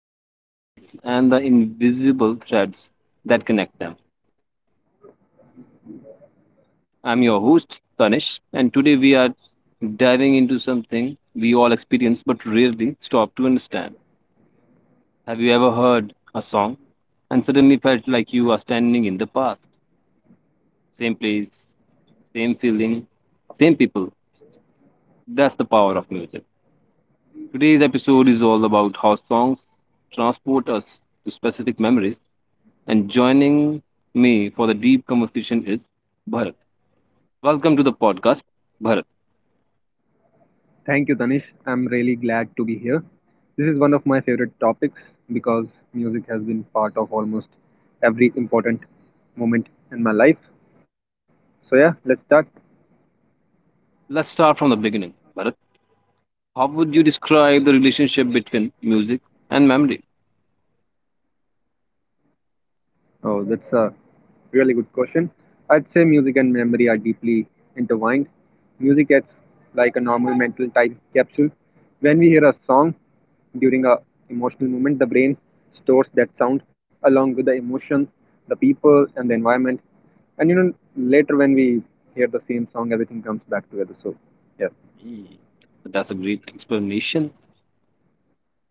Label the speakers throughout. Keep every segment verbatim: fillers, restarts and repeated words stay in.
Speaker 1: space where we explore emotions, experiences, and the invisible threads that connect them. I'm your host, Tanish, and today we are diving into something we all experience but rarely stop to understand. Have you ever heard a song and suddenly felt like you are standing in the past? Same place, same feeling, same people. That's the power of music. Today's episode is all about how songs transport us to specific memories, and joining me for the deep conversation is Bharat. Welcome to the podcast, Bharat.
Speaker 2: Thank you, Tanish. I'm really glad to be here. This is one of my favorite topics because music has been part of almost every important moment in my life. So, yeah, let's start.
Speaker 1: Let's start from the beginning. Bharat, how would you describe the relationship between music and memory?
Speaker 2: Oh, that's a really good question. I'd say music and memory are deeply intertwined. Music acts like a normal mental time capsule. When we hear a song during a emotional moment, the brain stores that sound along with the emotion, the people, and the environment. And you know, later when we hear the same song, everything comes back together. So, yeah.
Speaker 1: Hmm, That's a great explanation.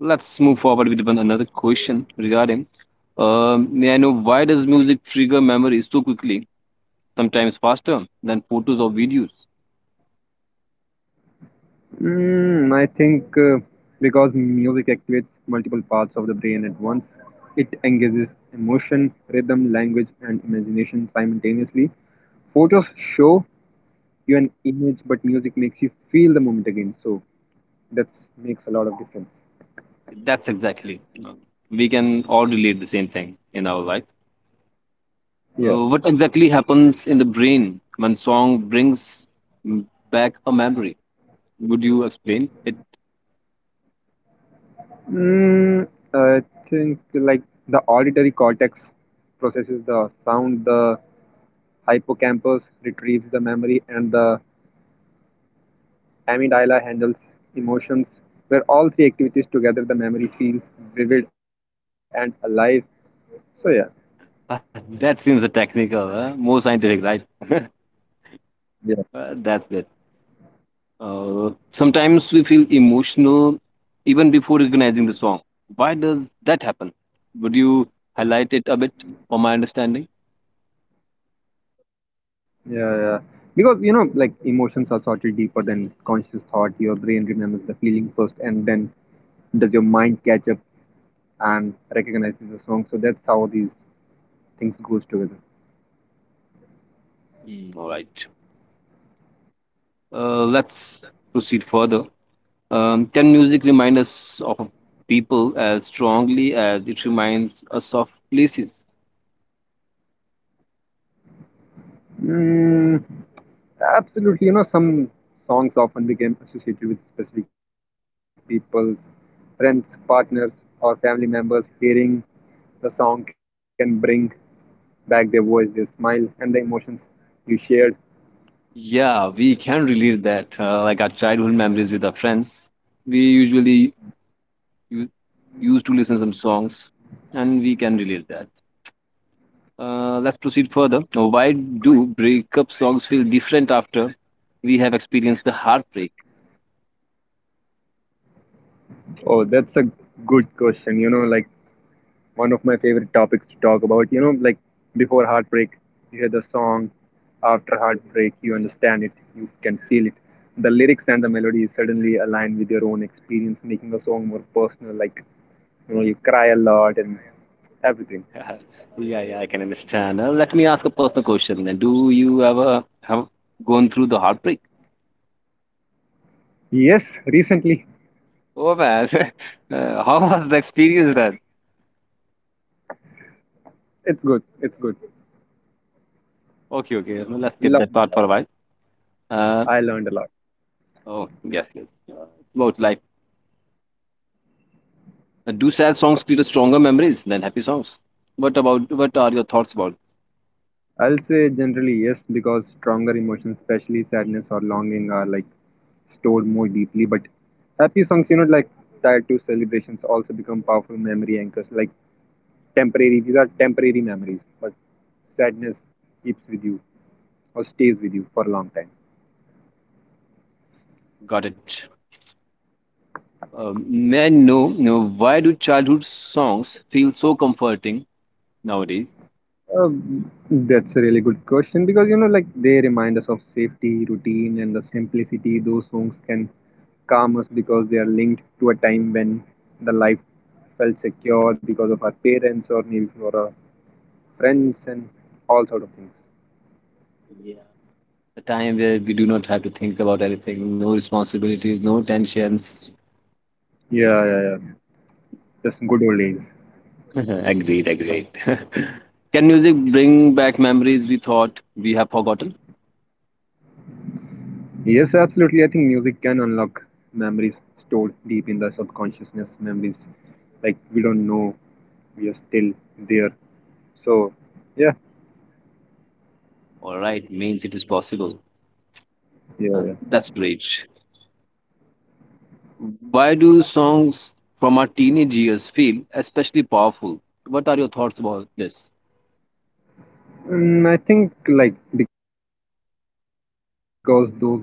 Speaker 1: Let's move forward with one another question regarding, um, may I know why does music trigger memories so quickly, sometimes faster than photos or videos?
Speaker 2: Mm, I think uh, Because music activates multiple parts of the brain at once, it engages emotion, rhythm, language, and imagination simultaneously. Photos show you an image, but music makes you feel the moment again. So that makes a lot of difference.
Speaker 1: That's exactly. We can all relate the same thing in our life. Uh,
Speaker 2: Yeah.
Speaker 1: what exactly happens in the brain when song brings m- back a memory? Would you explain it?
Speaker 2: Mm, I think like the auditory cortex processes the sound, the hippocampus retrieves the memory, and the Amygdala handles emotions. Where all three activities together, the memory feels vivid and alive. So yeah,
Speaker 1: Uh, that seems a technical, uh, more scientific, right?
Speaker 2: Yeah.
Speaker 1: Uh, that's good. Uh, sometimes we feel emotional even before recognizing the song. Why does that happen? Would you highlight it a bit for my understanding?
Speaker 2: yeah, yeah. Because you know, like emotions are sorted deeper than conscious thought. Your brain remembers the feeling first, and then does your mind catch up and recognizes the song. So that's how these things goes together.
Speaker 1: Mm, all right. Uh, let's proceed further. Um, can music remind us of people as strongly as it reminds us of places?
Speaker 2: Mm, Absolutely, you know, some songs often became associated with specific people's friends, partners, or family members. Hearing the song can bring back their voice, their smile, and the emotions you shared.
Speaker 1: Yeah, we can relate that. Uh, like our childhood memories with our friends, we usually u- used to listen some songs, and we can relate that. Uh, let's proceed further. Uh, Why do breakup songs feel different after we have experienced the heartbreak?
Speaker 2: Oh, that's a good question. You know, like one of my favorite topics to talk about. You know, like before heartbreak, you hear the song. After heartbreak, you understand it, you can feel it. The lyrics and the melody suddenly align with your own experience, making the song more personal. Like, you know, you cry a lot and everything.
Speaker 1: Yeah, yeah, I can understand. Uh, let me ask a personal question then. Do you ever have gone through the heartbreak?
Speaker 2: Yes, recently.
Speaker 1: Oh man, uh, how was the experience then?
Speaker 2: It's good. It's good.
Speaker 1: Okay, okay, no, let's skip
Speaker 2: Love
Speaker 1: that part
Speaker 2: a
Speaker 1: for a while. Uh,
Speaker 2: I learned a lot.
Speaker 1: oh, yes, yes. Uh, about life. Uh, do sad songs create stronger memories than happy songs? What about? What are your thoughts about?
Speaker 2: I'll say generally yes, because stronger emotions, especially sadness or longing, are like stored more deeply. But happy songs, you know, like tied to celebrations, also become powerful memory anchors. Like temporary, these are temporary memories, but sadness keeps with you or stays with you for a long time.
Speaker 1: Got it. Um, may I know, know why do childhood songs feel so comforting nowadays?
Speaker 2: Um, that's a really good question because you know, like they remind us of safety, routine, and the simplicity. Those songs can calm us because they are linked to a time when the life felt secure because of our parents or maybe for our friends and all sort of things.
Speaker 1: Yeah, the time where we do not have to think about anything, no responsibilities, no tensions.
Speaker 2: Yeah, yeah, yeah. Just good old days.
Speaker 1: Agreed, agreed. Can music bring back memories we thought we have forgotten?
Speaker 2: Yes, absolutely. I think music can unlock memories stored deep in the subconsciousness. Memories like we don't know we are still there. So yeah,
Speaker 1: All right, means it is possible. Uh,
Speaker 2: Yeah.
Speaker 1: That's great. Why do songs from our teenage years feel especially powerful? What are your thoughts about this?
Speaker 2: Mm, I think like because those years are filled with the first experiences,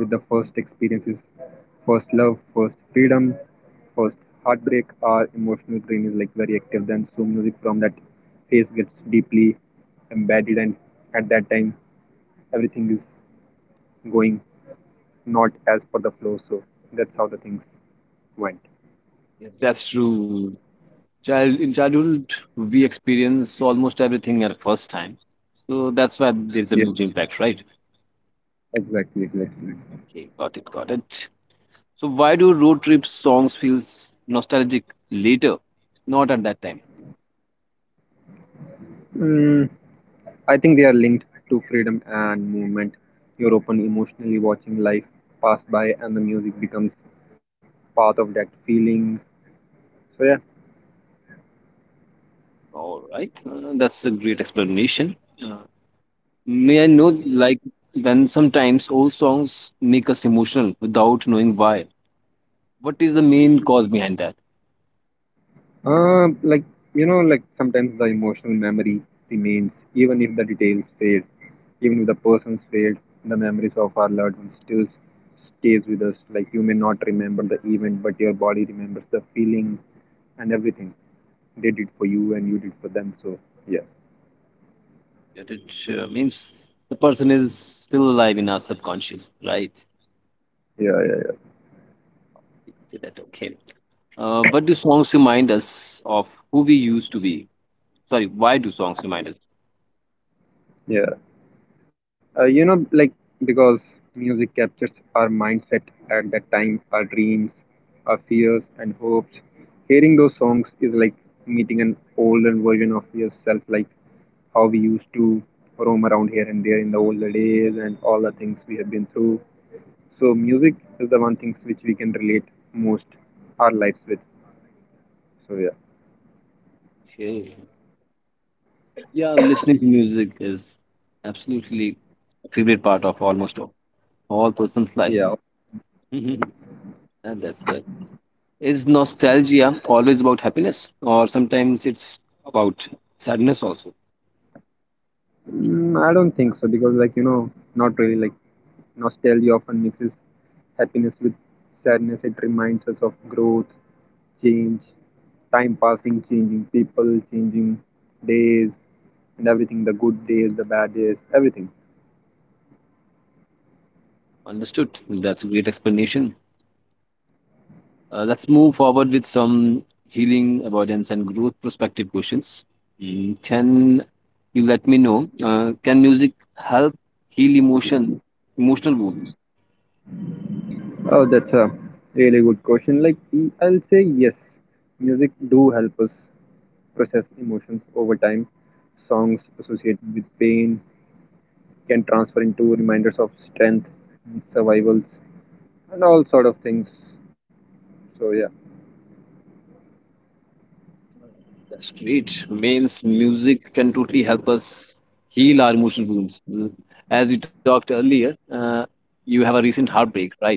Speaker 2: first love, first freedom, first heartbreak. Our emotional brain is like very active. Then so music from that phase gets deeply embedded, and at that time everything is going not as per the flow. So that's how the things went.
Speaker 1: Yes. That's true. Child in childhood, we experience almost everything at first time, so that's why
Speaker 2: Yeah,
Speaker 1: there's a huge impact, right?
Speaker 2: exactly, exactly.
Speaker 1: Okay, got it, got it. So why do road trip songs feels nostalgic later, not at that time?
Speaker 2: Mm. I think they are linked to freedom and movement. You're open emotionally watching life pass by, and the music becomes part of that feeling. So yeah,
Speaker 1: All right, uh, that's a great explanation. Uh, may I know, like, when sometimes old songs make us emotional without knowing why? What is the main cause behind that?
Speaker 2: uh, like you know, like sometimes the emotional memory remains, even if the details fade, even if the person's failed. The memories of our loved ones still stays with us. Like you may not remember the event, but your body remembers the feeling and everything they did for you and you did for them. So yeah,
Speaker 1: That it uh, means the person is still alive in our subconscious, right?
Speaker 2: yeah, yeah, yeah.
Speaker 1: You could say that, okay. Uh, what do songs remind us of who we used to be? Sorry, why do songs remind us?
Speaker 2: yeah. Uh, you know, like because music captures our mindset at that time, our dreams, our fears, and hopes. Hearing those songs is like meeting an older version of yourself, like how we used to roam around here and there in the older days and all the things we have been through. So, music is the one things which we can relate most our lives with. So, yeah.
Speaker 1: Okay. Yeah, listening to music is absolutely a favorite part of almost all, all person's life.
Speaker 2: Yeah.
Speaker 1: And that's good. Is nostalgia always about happiness, or sometimes it's about sadness also?
Speaker 2: Mm, I don't think so because, like, you know, not really. Like, nostalgia often mixes happiness with sadness. It reminds us of growth, change, time passing, changing people, changing days, and everything the good days, the bad days, everything.
Speaker 1: Understood. That's a great explanation. Uh, let's move forward with some healing, avoidance, and growth perspective questions. Mm, can you let me know? Uh, can music help heal emotion, emotional wounds?
Speaker 2: Oh, that's a really good question. Like, e- I'll say yes, music do help us process emotions over time. Songs associated with pain, can transfer into reminders of strength, survivals, and all sort of things. So yeah.
Speaker 1: That's great. Means music can totally help us heal our emotional wounds. Mm, as we talked earlier, uh, you have a recent heartbreak, right?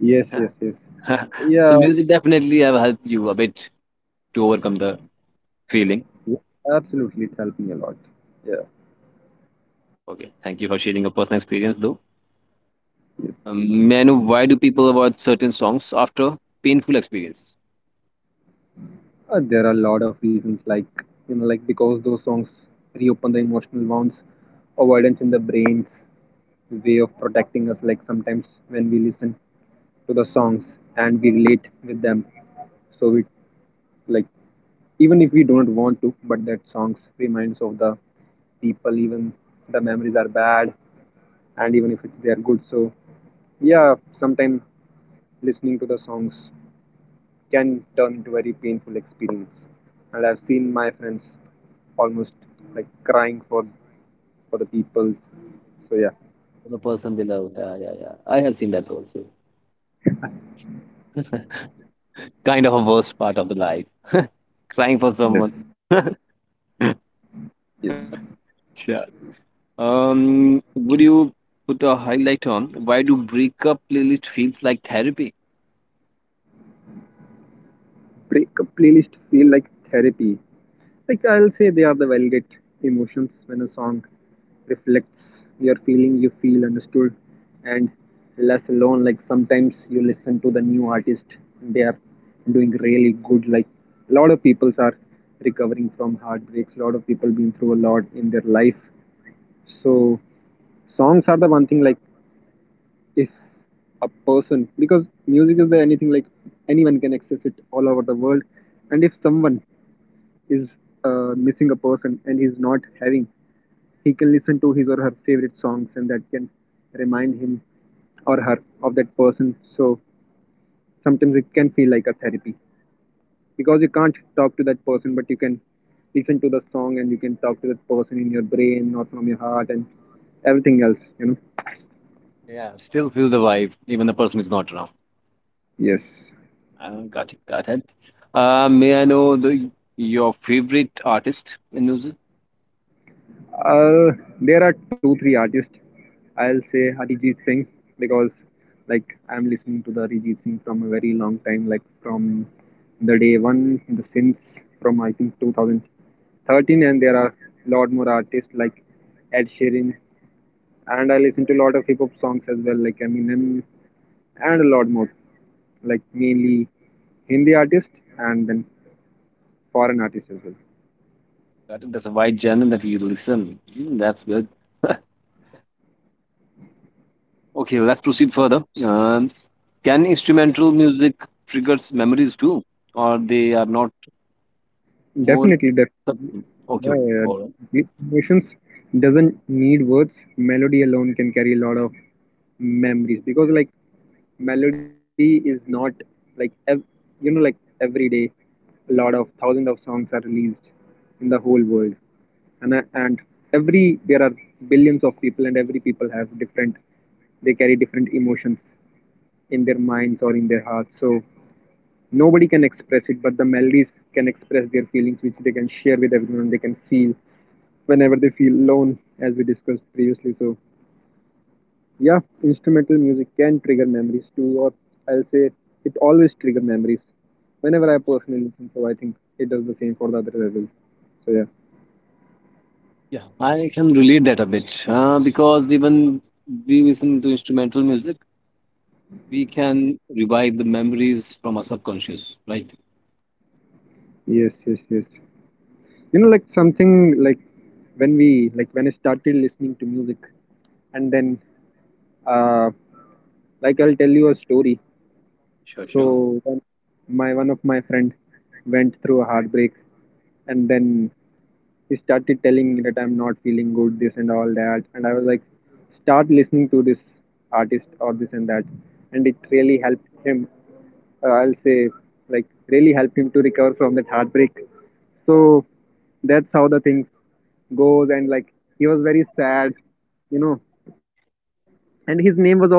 Speaker 2: Yes, yes, yes.
Speaker 1: So
Speaker 2: Yeah,
Speaker 1: music definitely have helped you a bit to overcome the feeling.
Speaker 2: yeah, absolutely. It helped me a lot. Yeah,
Speaker 1: Okay, thank you for sharing your personal experience though.
Speaker 2: yes.
Speaker 1: Um, may I know why do people avoid certain songs after painful experience?
Speaker 2: Uh, there are a lot of reasons, like you know, like because those songs reopen the emotional wounds, avoidance in the brain's way of protecting us. Like sometimes when we listen to the songs and we relate with them, so we like even if we don't want to but that songs reminds of the people even the memories are bad and even if it's, they are good so yeah sometimes listening to the songs can turn into very painful experience and I've seen my friends almost like crying for for the people so yeah
Speaker 1: The person they love. Yeah, yeah, yeah. I have seen that also. Kind of a worst part of the life. Crying for someone.
Speaker 2: Yes. yes
Speaker 1: Sure. Um, would you put a highlight on why do breakup playlist feels like therapy?
Speaker 2: break a playlist feel like therapy Like I'll say they are the validate emotions when a song reflects your feeling, you feel understood and less alone. Like sometimes you listen to the new artist and they are doing really good. Like a lot of people are recovering from heartbreaks, a lot of people been through a lot in their life. So songs are the one thing like if a person because music is the anything like anyone can access it all over the world and if someone is uh, missing a person and he's not having, he can listen to his or her favorite songs and that can remind him or her of that person. So sometimes it can feel like a therapy because you can't talk to that person, but you can listen to the song and you can talk to that person in your brain or from your heart and everything else, you know.
Speaker 1: Yeah, still feel the vibe, even the person is not around.
Speaker 2: Yes.
Speaker 1: Uh, got it, got it. Uh, may I know the your favorite artist in music?
Speaker 2: Uh, there are two, three artists. I'll say Arijit Singh because like I'm listening to the Arijit Singh from a very long time, like from the day one, the since from I think two thousand thirteen, and there are lot more artists like Ed Sheeran, and I listen to a lot of hip hop songs as well, like Eminem, and a lot more, like mainly Hindi artists and then foreign artists as well.
Speaker 1: Got it. That's a wide genre that you listen. Mm, that's good. Okay, let's proceed further. Um, can instrumental music triggers memories too, or they are not more?
Speaker 2: Definitely, definitely.
Speaker 1: Okay, okay, all right.
Speaker 2: Uh, emotions doesn't need words. Melody alone can carry a lot of memories because, like, melody is not like ev- you know, like every day, a lot of thousands of songs are released in the whole world, and uh, and every there are billions of people, and every people have different. They carry different emotions in their minds or in their hearts. So Nobody can express it, but the melodies can express their feelings, which they can share with everyone. They can feel whenever they feel alone, as we discussed previously. So, yeah, instrumental music can trigger memories too, or I'll say it always triggers memories. Whenever I personally listen, so I think it does the same for the other as well. So yeah,
Speaker 1: Yeah, I can relate that a bit uh, because even we listen to instrumental music, we can revive the memories from our subconscious, right?
Speaker 2: yes, yes, yes. You know, like something like when we like when I started listening to music, and then uh, like I'll tell you a story.
Speaker 1: Sure, sure.
Speaker 2: So then my one of my friend went through a heartbreak and then he started telling me that I'm not feeling good, this and all that. And I was like, start listening to this artist or this and that. And it really helped him. Uh, I'll say, like, really helped him to recover from that heartbreak. So that's how the things goes. And like, he was very sad, you know. And his name was also Tanish.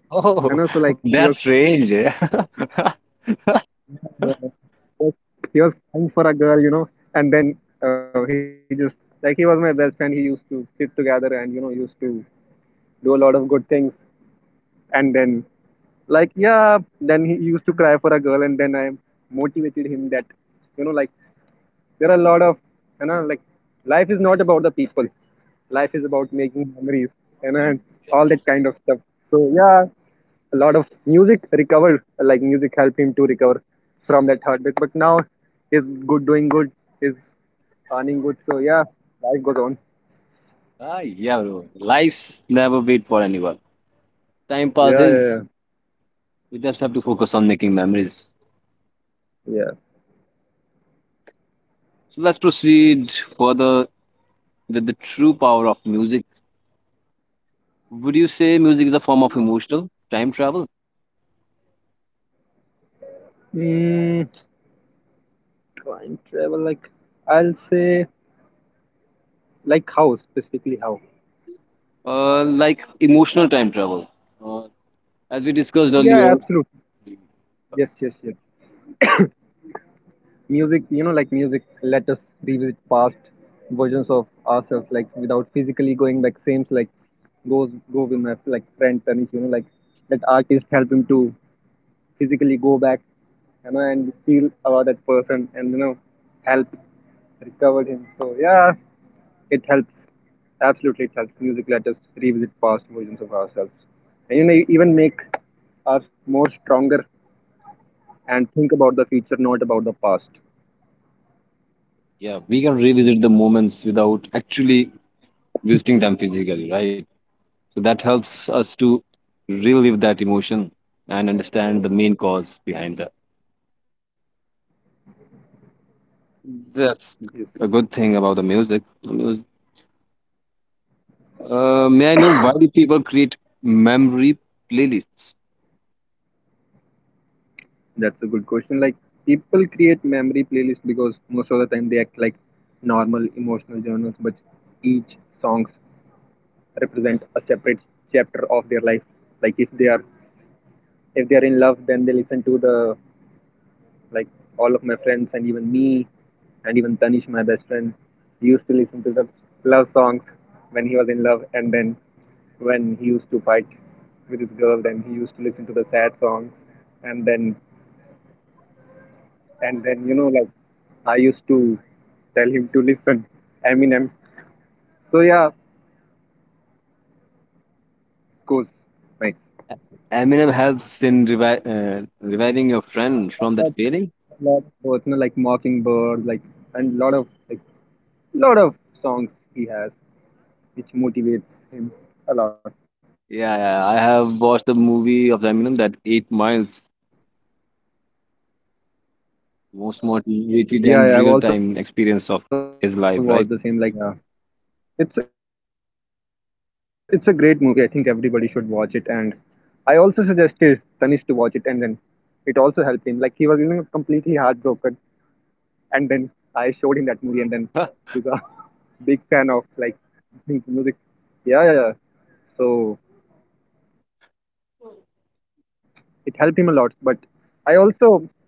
Speaker 2: And also like,
Speaker 1: Oh,
Speaker 2: he was
Speaker 1: that's strange. Yes.
Speaker 2: was he was crying for a girl, you know, and then uh, he just like he was my best friend. He used to sit together and you know used to do a lot of good things. And then like yeah, then he used to cry for a girl, and then I motivated him that you know like there are a lot of you know like life is not about the people life is about making memories you know, and all that kind of stuff so yeah a lot of music recovered like music helped him to recover from that heartbreak but now he's good doing good he's earning good so yeah life goes on
Speaker 1: Ah, yeah, bro. Life's never wait for anyone. Time
Speaker 2: yeah yeah
Speaker 1: passes.
Speaker 2: yeah
Speaker 1: We just have to focus on making memories.
Speaker 2: yeah
Speaker 1: So let's proceed further with the true power of music. Would you say music is a form of emotional time travel?
Speaker 2: mm, time travel like I'll say like how specifically how
Speaker 1: Uh, like emotional time travel. Uh, as we discussed
Speaker 2: yeah
Speaker 1: earlier,
Speaker 2: absolutely yes yes yes music you know like music let us revisit past versions of ourselves like without physically going back Same, like goes go with my like friend Tanish you know like that artist help him to physically go back you know and feel about that person and you know help recover him so yeah it helps absolutely it helps music let us revisit past versions of ourselves and you know e-, even make us more stronger and think about the future not about the past
Speaker 1: yeah, we can revisit the moments without actually visiting them physically, right? So that helps us to relive that emotion and understand the main cause behind that.
Speaker 2: yes
Speaker 1: That's a good thing about the music. The mus- Uh, may I know why do people create memory playlists?
Speaker 2: That's a good question. Like people create memory playlists because most of the time they act like normal emotional journals, but each songs represent a separate chapter of their life. Like if they are if they are in love, then they listen to the like all of my friends and even me and even Tanish, my best friend, he used to listen to the love songs when he was in love, and then when he used to fight with his girl, then he used to listen to the sad songs, and then and then you know like I used to tell him to listen Eminem. So yeah, goes Nice.
Speaker 1: Eminem helps in revi- uh, reviving your friend from
Speaker 2: A
Speaker 1: that feeling.
Speaker 2: lot of personal like Mockingbird, like and lot of like lot of songs he has which motivates him a lot.
Speaker 1: Yeah, yeah, I have watched the movie of Eminem, that Eight Miles,
Speaker 2: Yeah, yeah I've also watched the same. Like
Speaker 1: most
Speaker 2: he has
Speaker 1: motivated
Speaker 2: gone through.
Speaker 1: and real time experience of his life, right?
Speaker 2: Yeah, it's it's a great movie. I think everybody should watch it. And I also suggested Tanish to watch it, and then it also helped him. Like he was you know completely heartbroken and then I showed him that movie, and then he's a big fan of like listening to music. Yeah, yeah, yeah. So it helped him a lot. But I also tell people that you know don't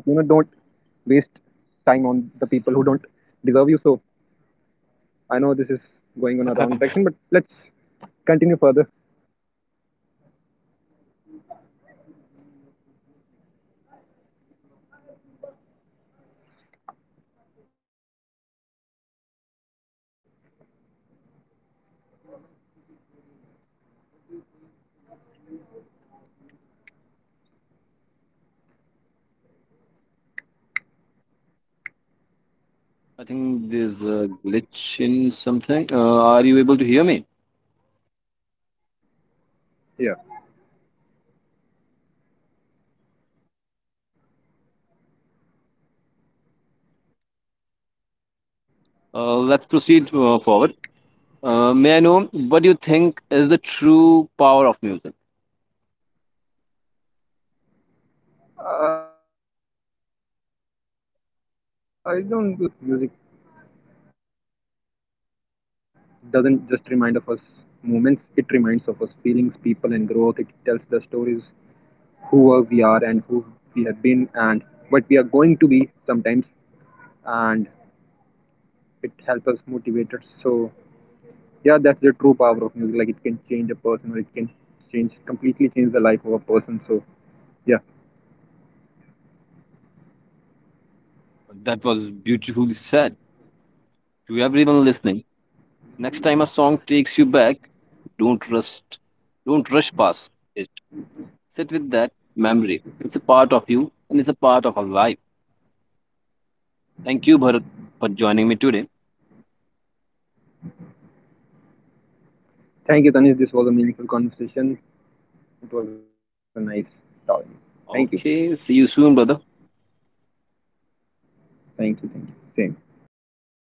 Speaker 2: waste time on the people who don't deserve you. So I know this is going on a wrong direction, but let's
Speaker 1: Sure, sure.
Speaker 2: continue
Speaker 1: I would
Speaker 2: further.
Speaker 1: like to ask you to bring your friend Tanish next time to the podcast. We will also interact with him. So let's proceed further, Bharat. Uh, what do you think is the true power of music? I think there's a glitch in something. Uh, are you able to hear me?
Speaker 2: Yeah,
Speaker 1: Uh, let's proceed uh, forward. Uh, may I know what do you think is the true power of music?
Speaker 2: I don't like music. Doesn't like like from my perspective, like music doesn't just remind of us moments, it reminds of us feelings, people, and growth. It tells the stories who were we are and who we have been and what we are going to be sometimes, and it helps us motivate us. So, yeah, that's the true power of music. Like, it can change a person or it can change completely change the life of a person. So, yeah,
Speaker 1: That was beautifully said. To everyone listening, next time a song takes you back, don't rush, don't rush past it. Sit with that memory. It's a part of you and it's a part of our life. Thank you, Bharat, for joining me today.
Speaker 2: thank you, Tanish. This was a meaningful conversation. It was a nice talk.
Speaker 1: Okay, see you
Speaker 2: Thank you.
Speaker 1: soon, brother.
Speaker 2: Thank you. Thank you. Same.